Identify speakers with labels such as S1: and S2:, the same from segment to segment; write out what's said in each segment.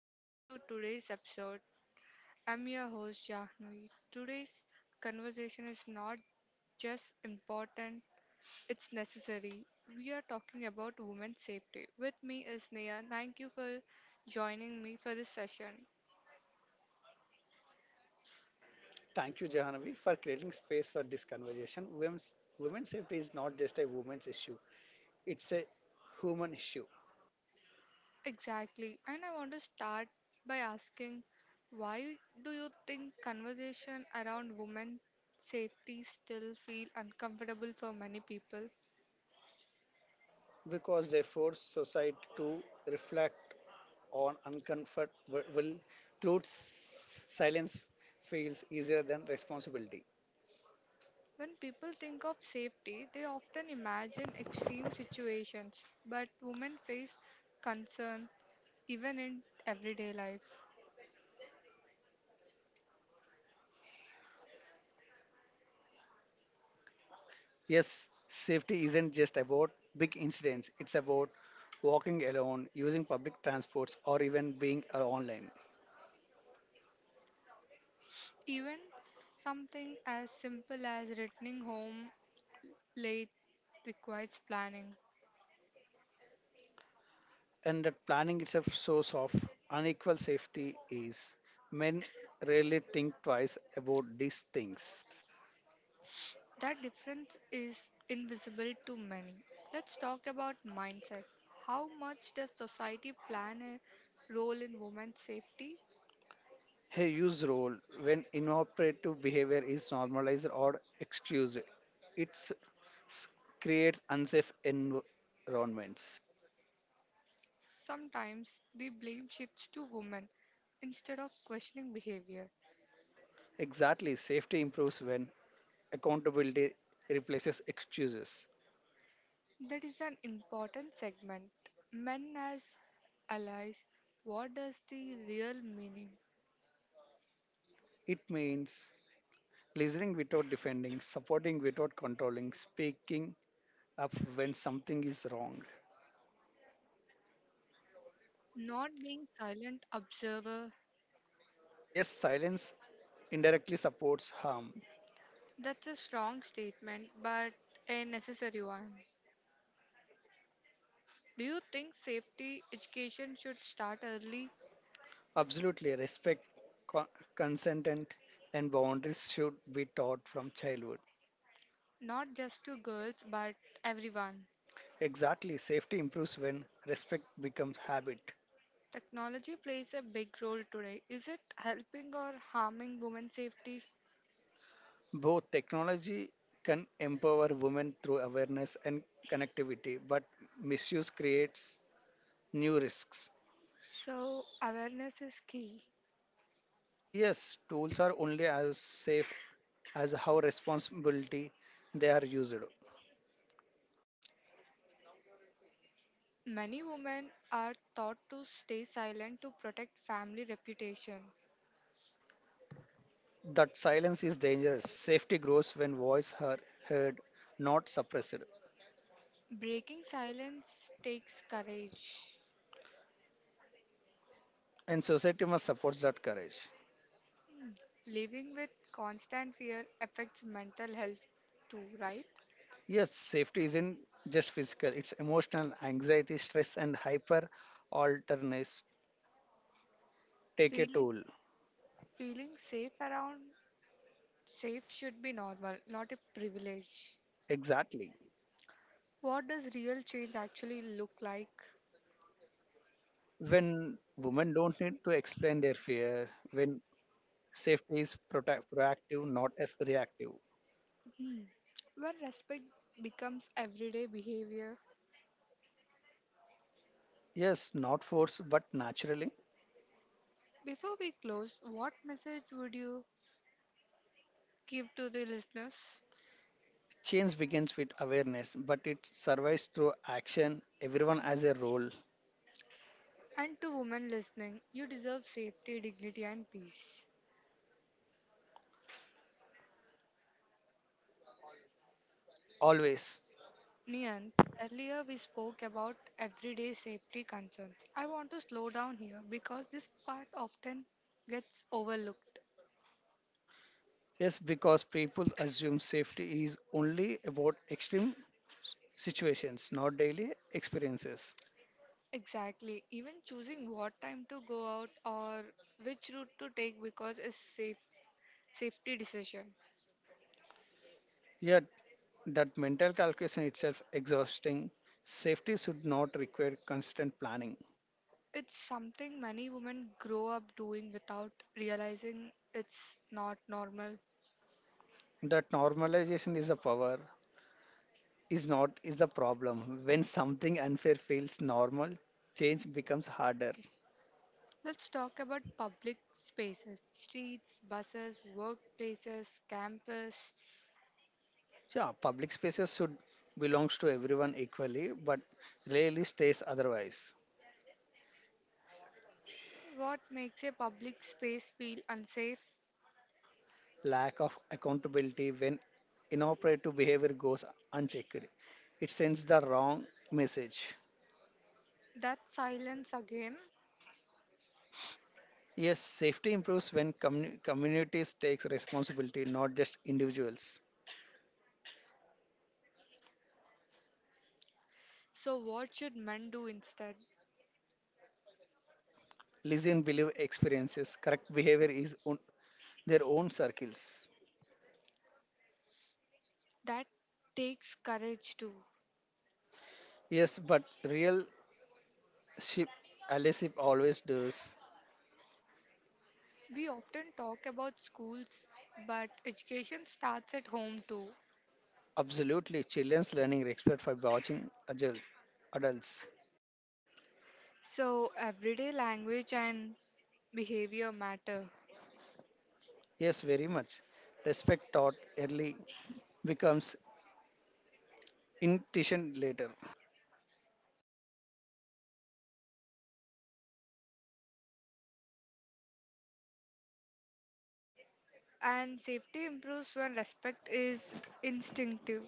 S1: welcome to today's episode. I'm your host Jahnvi. Today's conversation is not just important, it's necessary. We are talking about women's safety. With me is Nia. Thank you for joining me for this session.
S2: Thank you, Jahanavi, for creating space for this conversation. Women's safety is not just a women's issue, it's a human issue
S1: Exactly, and I want to start by asking, why do you think conversation around women safety still feel uncomfortable for many people?
S2: because they force society to reflect on uncomfortable truths. Silence feels easier than responsibility.
S1: When people think of safety, they often imagine extreme situations, but women face concern even in everyday life.
S2: Yes, safety isn't just about big incidents, it's about walking alone, using public transports, or even being online.
S1: Even something as simple as returning home late requires planning.
S2: And that planning itself source of unequal safety is men rarely think twice about these things.
S1: That difference is invisible to many. Let's talk about mindset. How much does society plan a role in women's safety?
S2: A use role when inoperative behavior is normalized or excused. It creates unsafe environments.
S1: Sometimes the blame shifts to women instead of questioning behavior.
S2: Exactly, safety improves when accountability replaces excuses.
S1: That is an important segment. Men as allies, what does the real meaning?
S2: It means listening without defending, supporting without controlling, speaking up when something is wrong.
S1: Not being silent observer.
S2: Yes, silence indirectly supports harm.
S1: That's a strong statement, but a necessary one. Do you think safety education should start early?
S2: Absolutely, respect, co- consent, and boundaries should be taught from childhood.
S1: Not just to girls, but everyone.
S2: Exactly, safety improves when respect becomes habit.
S1: Technology plays a big role today. Is it helping or harming women's safety?
S2: Both technology can empower women through awareness and connectivity, but misuse creates new risks.
S1: So, awareness is key.
S2: Yes, tools are only as safe as how responsibility they are used.
S1: Many women are taught to stay silent to protect family reputation.
S2: That silence is dangerous. Safety grows when voice are heard, not suppressed.
S1: Breaking silence takes courage.
S2: And society must support that courage.
S1: Hmm, Living with constant fear affects mental health too, right?
S2: Yes, safety isn't just physical, it's emotional, anxiety, stress, and hyper alertness take a
S1: Feeling
S2: toll.
S1: feeling safe around safe should be normal, not a privilege.
S2: Exactly.
S1: What does real change actually look like?
S2: When women don't need to explain their fear, when safety is proactive, not reactive.
S1: Hmm, When respect becomes everyday behavior,
S2: Yes, not force, but naturally.
S1: before we close, what message would you give to the listeners
S2: Change begins with awareness, but it survives through action. Everyone has a role.
S1: and to women listening? You deserve safety, dignity, and peace.
S2: Always.
S1: Niyant, earlier we spoke about everyday safety concerns. I want to slow down here because this part often gets overlooked.
S2: Yes, because people assume safety is only about extreme situations, not daily experiences.
S1: Exactly, even choosing what time to go out or which route to take because is safe safety decision.
S2: Yet, that mental calculation itself exhausting. Safety should not require constant planning.
S1: It's something many women grow up doing without realizing it's not normal.
S2: That normalization is a power, is not is the problem. When something unfair feels normal, change becomes harder.
S1: Let's talk about public spaces, streets, buses, workplaces, campus.
S2: Yeah, public spaces should belongs to everyone equally, but rarely stays otherwise.
S1: What makes a public space feel unsafe?
S2: Lack of accountability when inappropriate behavior goes unchecked. It sends the wrong message.
S1: That silence again.
S2: Yes, safety improves when communities takes responsibility, not just individuals.
S1: So, what should men do instead?
S2: Listen, believe experiences. Correct behavior is on their own circles.
S1: That takes courage too.
S2: Yes, but real ship Alisip always does.
S1: We often talk about schools, but education starts at home too.
S2: Absolutely, children's learning respect by watching adults.
S1: So, everyday language and behavior matter,
S2: Yes, very much. Respect taught early becomes intention later.
S1: and safety improves when respect is instinctive.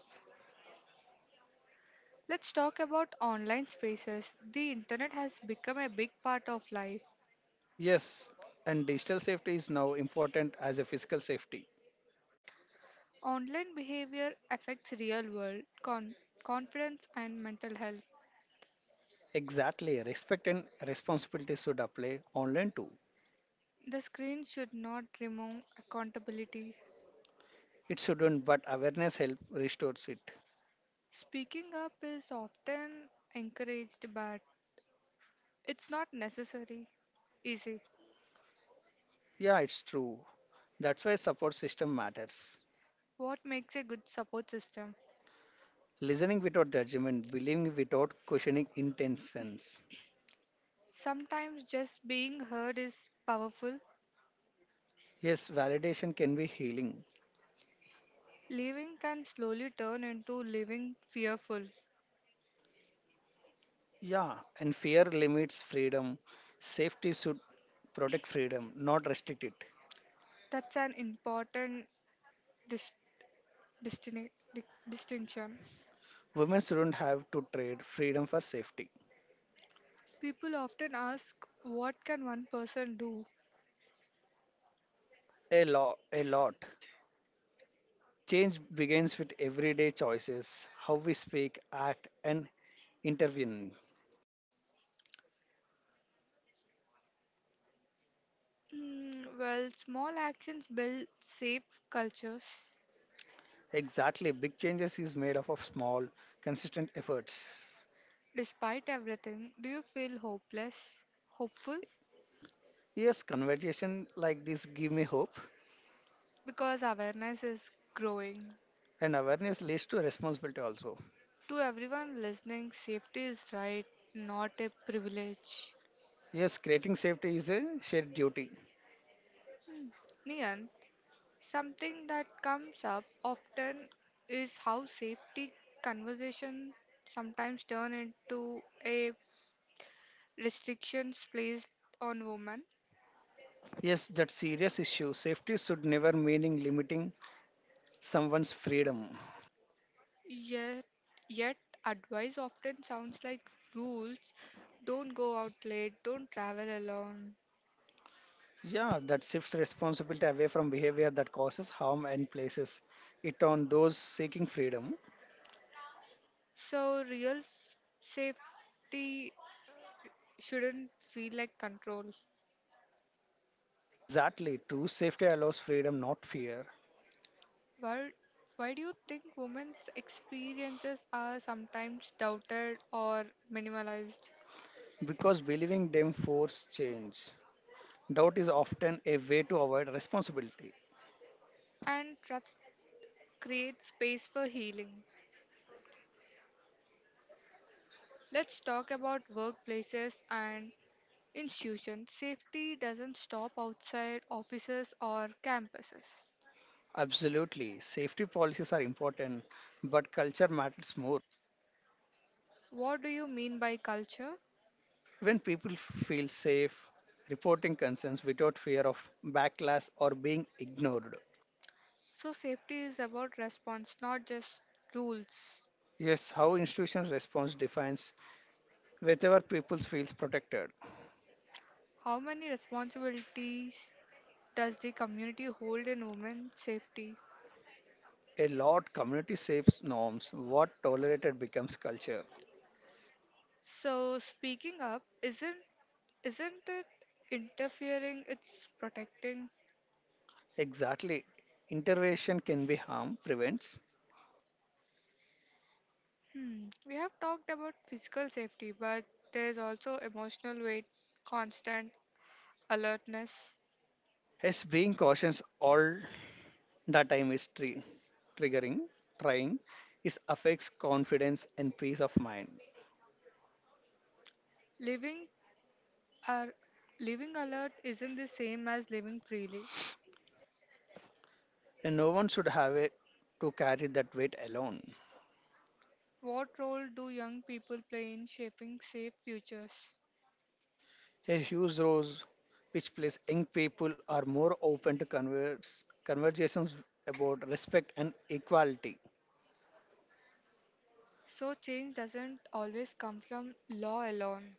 S1: Let's talk about online spaces. The internet has become a big part of life.
S2: Yes, and digital safety is now important as a physical safety.
S1: Online behavior affects real world confidence and mental health.
S2: Exactly, respect and responsibility should apply online too.
S1: The screen should not remove accountability.
S2: It shouldn't, but awareness help restores it.
S1: Speaking up is often encouraged, but it's not necessary. Easy.
S2: Yeah, it's true. That's why support system matters.
S1: What makes a good support system?
S2: Listening without judgment, believing without questioning intentions.
S1: Sometimes just being heard is powerful.
S2: Yes, validation can be healing.
S1: Leaving can slowly turn into living fearful.
S2: Yeah, and fear limits freedom. Safety should protect freedom, not restrict it.
S1: That's an important dis- distin- di- distinction.
S2: Women shouldn't have to trade freedom for safety.
S1: People often ask, what can one person do?
S2: A lot. Change begins with everyday choices, how we speak, act, and intervene.
S1: Small actions build safe cultures.
S2: Exactly, big changes is made up of small, consistent efforts.
S1: Despite everything, do you feel hopeless? Hopeful?
S2: Yes, conversation like this give me hope,
S1: Because awareness is growing.
S2: and awareness leads to responsibility also.
S1: To everyone listening, safety is right, not a privilege.
S2: Yes, creating safety is a shared duty.
S1: Nian, something that comes up often is how safety conversations sometimes turn into a restrictions placed on women.
S2: Yes, that serious issue. Safety should never meaning limiting someone's freedom.
S1: Yet, yet, advice often sounds like rules. Don't go out late. Don't travel alone.
S2: Yeah, that shifts responsibility away from behavior that causes harm and places it on those seeking freedom.
S1: So real safety shouldn't feel like control.
S2: Exactly, true safety allows freedom, not fear,
S1: Why, why do you think women's experiences are sometimes doubted or minimalized?
S2: because believing them force change. Doubt is often a way to avoid responsibility.
S1: And trust creates space for healing. Let's talk about workplaces and institutions. Safety doesn't stop outside offices or campuses.
S2: Absolutely, safety policies are important, but culture matters more.
S1: What do you mean by culture?
S2: When people feel safe, reporting concerns without fear of backlash or being ignored.
S1: So, safety is about response, not just rules.
S2: Yes, how institutions' response defines wherever people feels protected.
S1: How many responsibilities does the community hold in women's safety?
S2: A lot community shapes norms what tolerated becomes culture.
S1: So speaking up isn't it interfering, it's protecting.
S2: Exactly, intervention can be harm prevents
S1: Hmm. We have talked about physical safety, but there's also emotional weight, constant alertness.
S2: as being cautious all the time is triggering trying. It affects confidence and peace of mind
S1: Living are living alert isn't the same as living freely.
S2: and no one should have it to carry that weight alone.
S1: What role do young people play in shaping safe futures?
S2: A huge rose, which plays young people are more open to conversations about respect and equality.
S1: So change doesn't always come from law alone.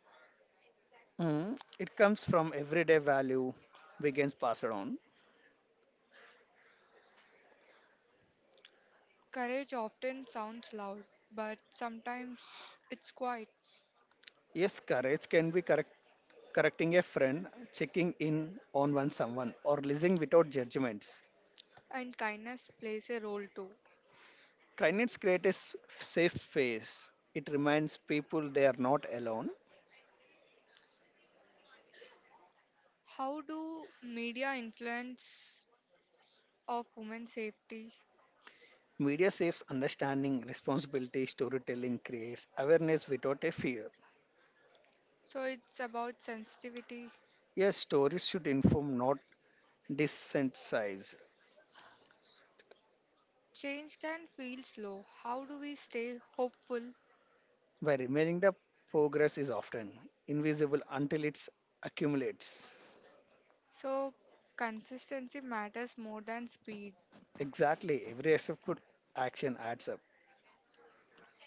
S2: Mm, it comes from everyday value Wiggins passed on.
S1: Courage often sounds loud, but sometimes it's quiet.
S2: Yes, courage can be correcting a friend, checking in on one someone, or listening without judgments.
S1: And kindness plays a role too.
S2: Kindness creates a safe space. It reminds people they are not alone.
S1: How do media influence of women's safety?
S2: Media saves understanding, responsibility, storytelling creates awareness without a fear.
S1: So it's about sensitivity.
S2: Yes, stories should inform, not desensitize.
S1: Change can feel slow. How do we stay hopeful?
S2: By remaining the progress is often invisible until it accumulates.
S1: So consistency matters more than speed.
S2: Exactly. Every accepted action adds up.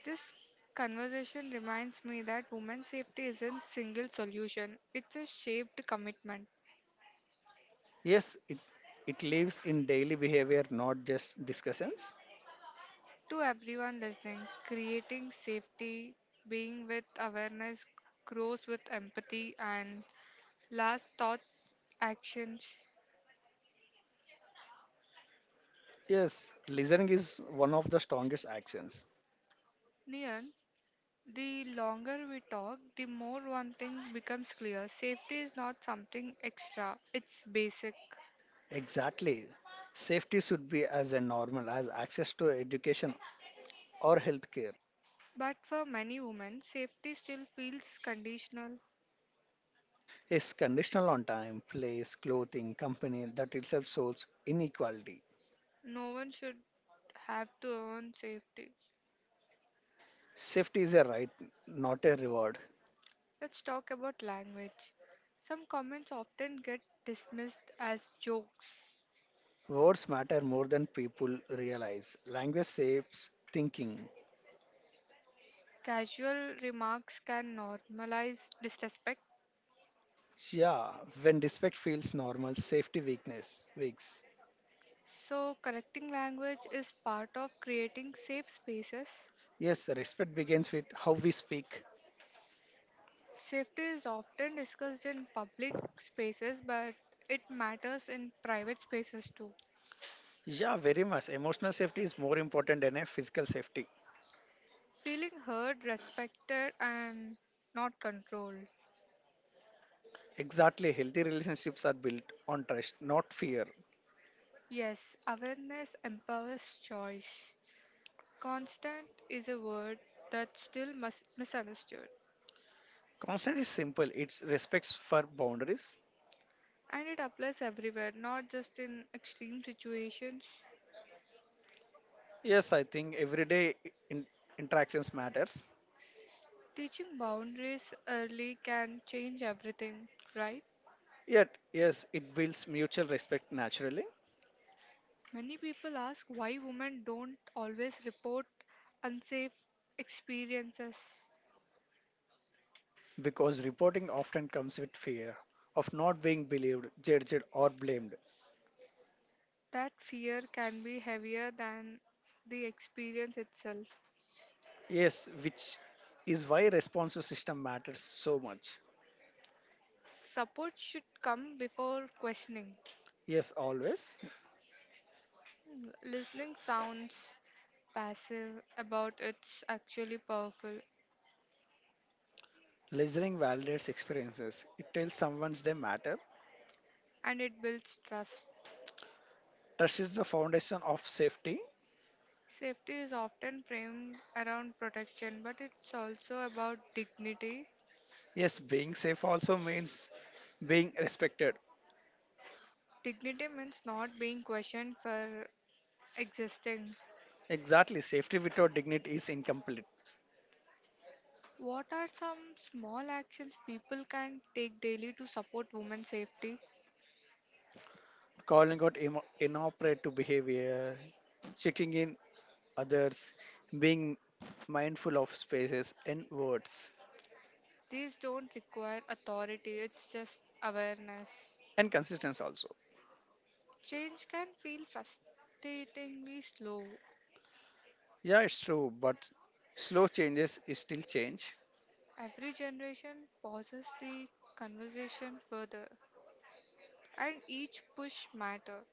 S1: This conversation reminds me that women's safety isn't single solution. It's a shaped commitment.
S2: Yes, it lives in daily behavior, not just discussions.
S1: To everyone listening, creating safety, being with awareness grows with empathy and last thought actions.
S2: Yes, listening is one of the strongest actions.
S1: Nian, the longer we talk, the more one thing becomes clear. Safety is not something extra, it's basic.
S2: Exactly. Safety should be as a normal as access to education or healthcare.
S1: But for many women, safety still feels conditional.
S2: It's conditional on time, place, clothing, company that itself shows inequality.
S1: No one should have to earn safety.
S2: Safety is a right, not a reward.
S1: Let's talk about language. Some comments often get dismissed as jokes.
S2: Words matter more than people realize. Language shapes thinking.
S1: Casual remarks can normalize disrespect.
S2: Yeah, when respect feels normal, safety weakness weaks.
S1: So, correcting language is part of creating safe spaces.
S2: Yes, respect begins with how we speak.
S1: Safety is often discussed in public spaces, but it matters in private spaces too.
S2: Yeah, very much. Emotional safety is more important than a physical safety.
S1: Feeling heard, respected, and not controlled.
S2: Exactly. Healthy relationships are built on trust, not fear.
S1: Yes, awareness empowers choice. Constant is a word that's still misunderstood,
S2: Consent is simple. It's respects for boundaries.
S1: and it applies everywhere, not just in extreme situations.
S2: Yes, I think everyday in- interactions matters.
S1: Teaching boundaries early can change everything, right?
S2: Yes, it builds mutual respect naturally
S1: Many people ask why women don't always report unsafe experiences.
S2: because reporting often comes with fear of not being believed, judged, or blamed.
S1: That fear can be heavier than the experience itself.
S2: Yes, which is why responsive system matters so much.
S1: Support should come before questioning.
S2: Yes, always.
S1: Listening sounds passive about it's actually powerful,
S2: Listening validates experiences. It tells someone they matter.
S1: and it builds trust.
S2: Trust is the foundation of safety.
S1: Safety is often framed around protection, but it's also about dignity.
S2: Yes, being safe also means being respected.
S1: Dignity means not being questioned for existing.
S2: Exactly, safety without dignity is incomplete.
S1: What are some small actions people can take daily to support women's safety?
S2: Calling out inappropriate behavior, checking in others, being mindful of spaces and words,
S1: These don't require authority, it's just awareness.
S2: and consistency also.
S1: Change can feel frustratingly slow.
S2: Yeah, it's true, but slow changes is still change.
S1: Every generation pauses the conversation further, and each push matter.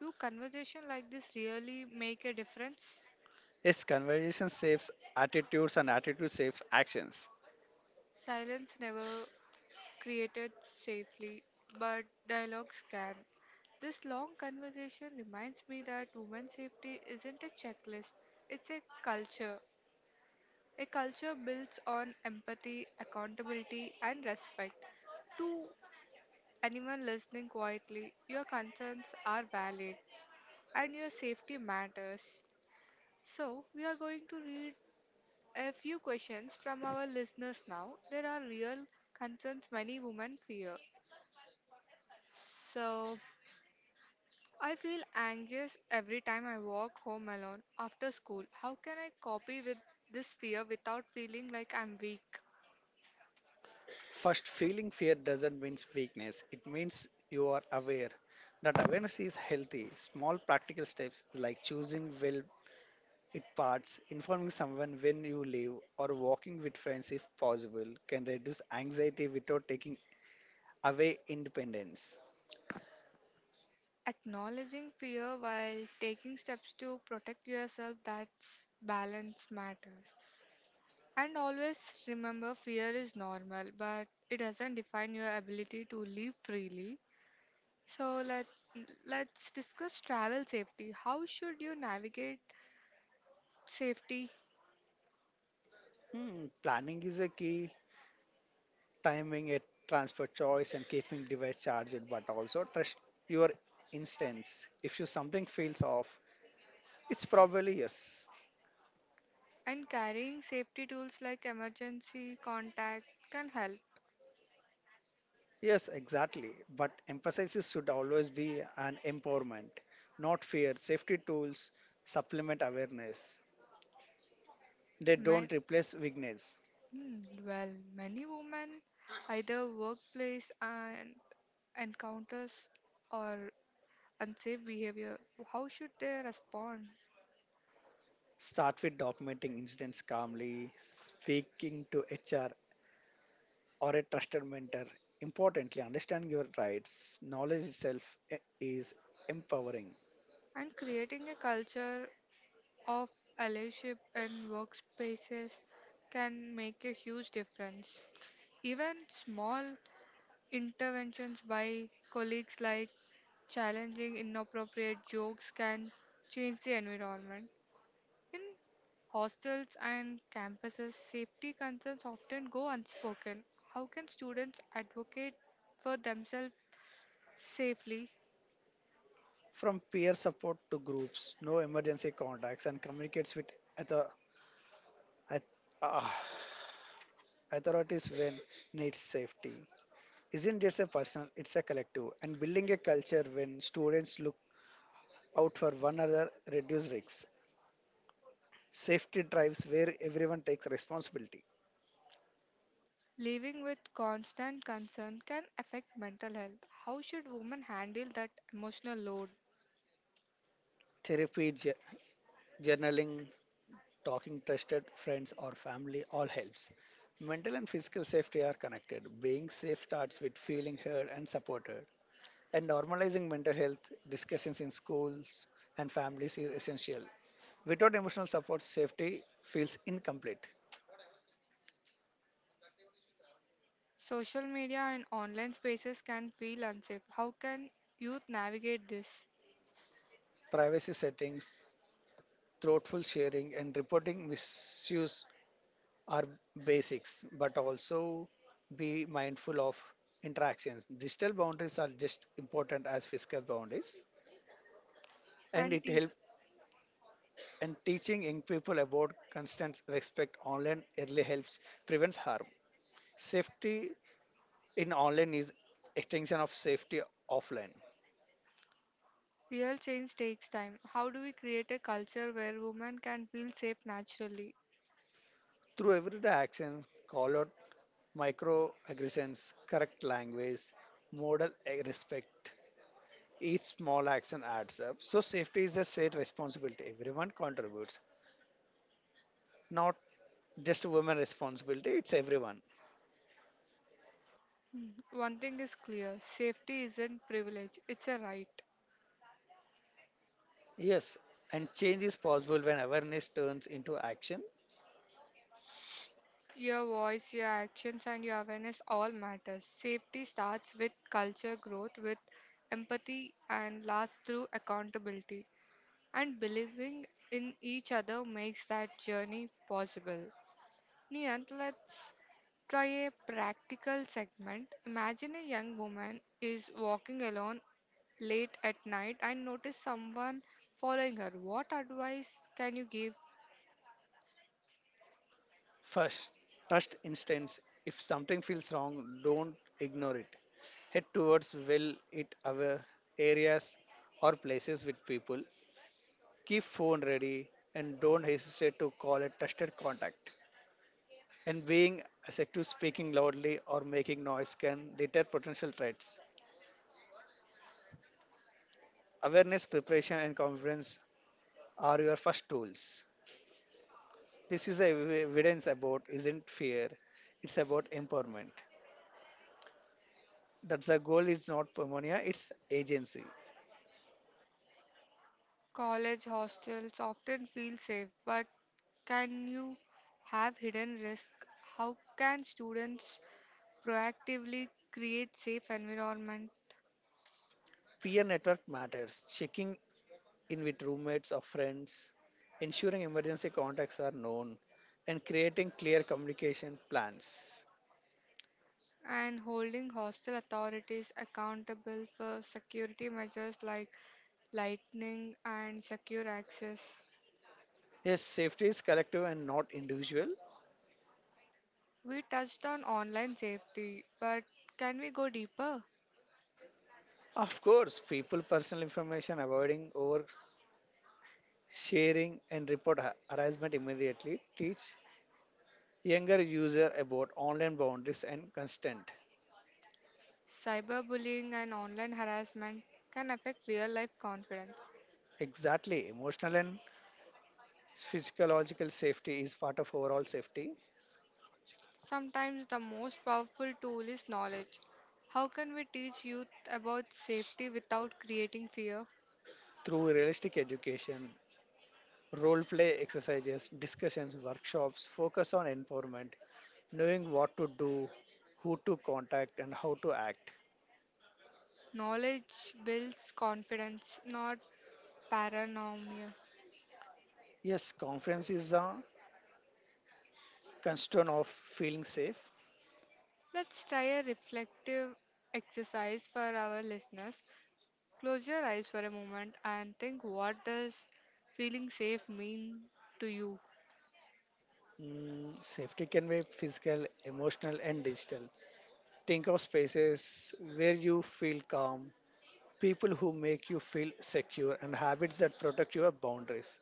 S1: Do conversations like this really make a difference?
S2: Yes, conversation saves attitudes and attitude saves actions.
S1: Silence never created safely, but dialogues can. This long conversation reminds me that women's safety isn't a checklist, it's a culture. A culture built on empathy, accountability, and respect. To anyone listening quietly, your concerns are valid and your safety matters. So, we are going to read a few questions from our listeners now. There are real concerns many women fear. So, I feel anxious every time I walk home alone after school. How can I copy with this fear without feeling like I'm weak?
S2: First, feeling fear doesn't mean weakness, it means you are aware. That awareness is healthy. Small practical steps like choosing well it parts, informing someone when you leave, or walking with friends if possible can reduce anxiety without taking away independence.
S1: Acknowledging fear while taking steps to protect yourself, that's balance matters. And always remember fear is normal, but it doesn't define your ability to live freely. So let's discuss travel safety. How should you navigate safety
S2: Hmm, planning is a key timing it, transfer choice, and keeping device charged, but also trust your instance. If you something feels off, it's probably yes.
S1: and carrying safety tools like emergency contact can help.
S2: Yes, exactly. But emphasis should always be an empowerment, not fear. Safety tools supplement awareness. They
S1: Men,
S2: don't replace weakness.
S1: mm, well, many women either workplace and encounters or unsafe behavior. How should they respond?
S2: Start with documenting incidents calmly, speaking to HR or a trusted mentor. Importantly, understand your rights. Knowledge itself is empowering.
S1: And creating a culture of allyship in workspaces can make a huge difference. Even small interventions by colleagues like challenging inappropriate jokes can change the environment. In hostels and campuses, safety concerns often go unspoken. How can students advocate for themselves safely?
S2: From peer support to groups, no emergency contacts, and communicates with author- auth- ah, authorities when needs safety. Isn't just a personal, it's a collective. And building a culture when students look out for one another reduce risks. Safety drives where everyone takes responsibility.
S1: Living with constant concern can affect mental health. How should women handle that emotional load?
S2: Therapy, journaling, talking trusted friends or family all helps. Mental and physical safety are connected. Being safe starts with feeling heard and supported, and normalizing mental health discussions in schools and families is essential. Without emotional support, safety feels incomplete.
S1: Social media and online spaces can feel unsafe. How can youth navigate this?
S2: Privacy settings, thoughtful sharing, and reporting misuse are basics, but also be mindful of interactions. Digital boundaries are just important as physical boundaries, and
S1: And
S2: it help.
S1: teachers
S2: And teaching young people about constant respect online early helps prevents harm. Safety in online is extension of safety offline.
S1: real change takes time. How do we create a culture where women can feel safe naturally?
S2: Through everyday actions, call out microaggressions, correct language, model a respect. Each small action adds up. So safety is a shared responsibility. Everyone contributes, not just women responsibility. It's everyone.
S1: One thing is clear, safety isn't privilege, it's a right.
S2: Yes, and change is possible when awareness turns into action.
S1: Your voice, your actions, and your awareness all matters. Safety starts with culture growth, with empathy, and lasts through accountability. And believing in each other makes that journey possible. Niyant, let's try a practical segment. Imagine a young woman is walking alone late at night and notice someone following her. What advice can you give?
S2: First, trust instance. If something feels wrong, don't ignore it. Head towards well it aware areas or places with people. Keep phone ready and don't hesitate to call a trusted contact. And being assertive, speaking loudly or making noise can deter potential threats. Awareness, preparation, and confidence are your first tools. This is a evidence about isn't fear, it's about empowerment. That's the goal is not pneumonia, it's agency.
S1: College hostels often feel safe, but can you have hidden risk? How can students proactively create safe environment?
S2: Peer network matters. Checking in with roommates or friends, ensuring emergency contacts are known, and creating clear communication plans.
S1: And holding hostile authorities accountable for security measures like lightning and secure access.
S2: Yes, safety is collective and not individual.
S1: We touched on online safety, but can we go deeper?
S2: Of course, people personal information, avoiding over sharing and report harassment immediately. Teach younger user about online boundaries and consent.
S1: Cyberbullying and online harassment can affect real life confidence.
S2: Exactly, emotional and physiological safety is part of overall safety
S1: Sometimes the most powerful tool is knowledge. How can we teach youth about safety without creating fear?
S2: through realistic education, role play exercises, discussions, workshops focus on empowerment, knowing what to do, who to contact, and how to act.
S1: Knowledge builds confidence, not paranoia.
S2: Yes, confidence is a constituent of feeling safe.
S1: Let's try a reflective exercise for our listeners. Close your eyes for a moment and think, what does feeling safe mean to you?
S2: Mm, safety can be physical, emotional, and digital. Think of spaces where you feel calm, people who make you feel secure, and habits that protect your boundaries.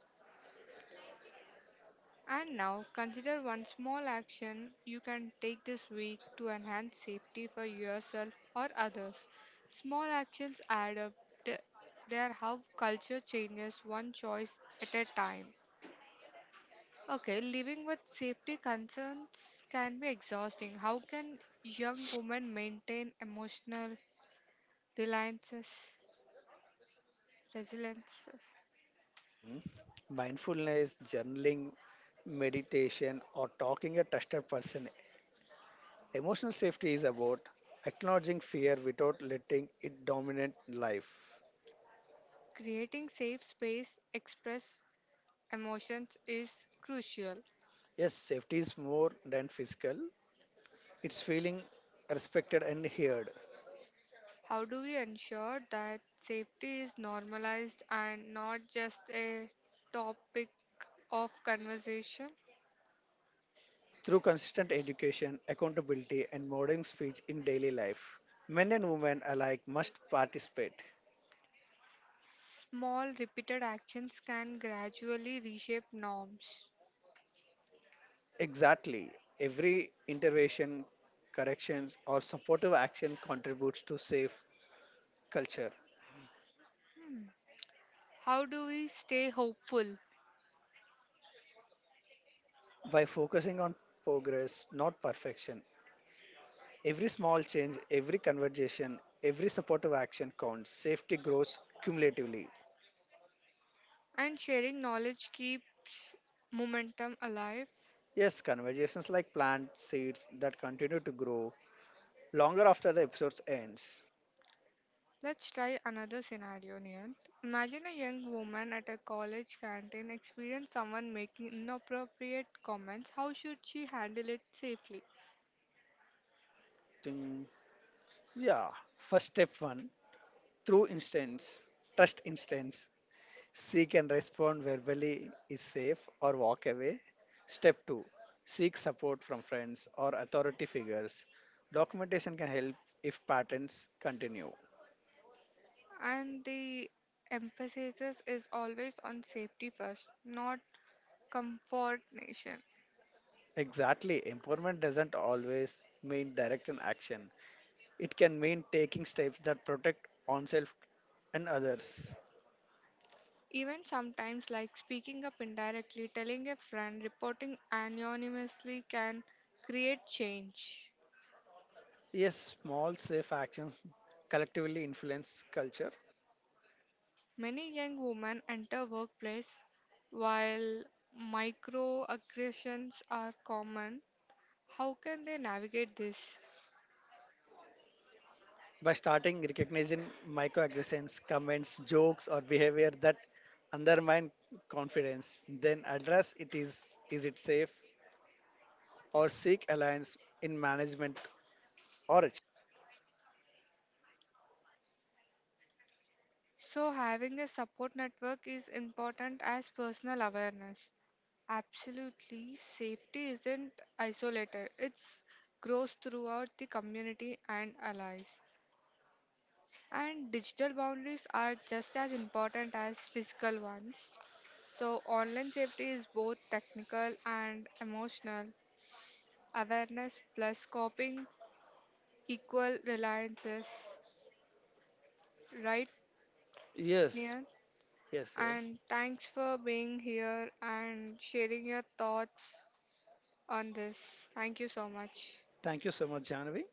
S1: And now consider one small action you can take this week to enhance safety for yourself or others. Small actions add up. Th- They are how culture changes one choice at a time. Okay, living with safety concerns can be exhausting. How can young women maintain emotional reliances, resiliences?
S2: Hmm. Mindfulness, journaling, meditation, or talking a trusted person emotional safety is about acknowledging fear without letting it dominate life.
S1: Creating safe space express emotions is crucial.
S2: Yes, safety is more than physical, it's feeling respected and heard.
S1: How do we ensure that safety is normalized and not just a topic of conversation?
S2: Through consistent education, accountability, and modern speech in daily life, men and women alike must participate.
S1: Small repeated actions can gradually reshape norms.
S2: Exactly. Every intervention, corrections, or supportive action contributes to safe culture.
S1: Hmm. How do we stay hopeful?
S2: By focusing on progress, not perfection, every small change, every conversation, every supportive action counts. Safety grows cumulatively.
S1: And sharing knowledge keeps momentum alive.
S2: Yes, conversations like plant seeds that continue to grow longer after the episode ends.
S1: Let's try another scenario, Niyant. Imagine a young woman at a college canteen experience someone making inappropriate comments. How should she handle it safely?
S2: Ting. Yeah. First step one through instance, trust instance. Seek and respond verbally is safe or walk away. Step two seek support from friends or authority figures. Documentation can help if patterns continue.
S1: And the emphasis is always on safety first, not comfort nation.
S2: Exactly. Empowerment doesn't always mean direct an action. It can mean taking steps that protect oneself and others.
S1: Even sometimes, like speaking up indirectly, telling a friend, reporting anonymously can create change.
S2: Yes, small safe actions collectively influence culture.
S1: Many young women enter workplace while microaggressions are common. How can they navigate this?
S2: By starting recognizing microaggressions, comments, jokes, or behavior that undermine confidence, then address it is it safe or seek alliance in management or achieve.
S1: So having a support network is important as personal awareness. Absolutely, safety isn't isolated. It grows throughout the community and allies. And digital boundaries are just as important as physical ones. So, online safety is both technical and emotional. Awareness plus coping equal reliances, right,
S2: Yes,
S1: near,
S2: yes.
S1: and thanks for being here and sharing your thoughts on this. Thank you so much.
S2: Thank you so much, Janavi.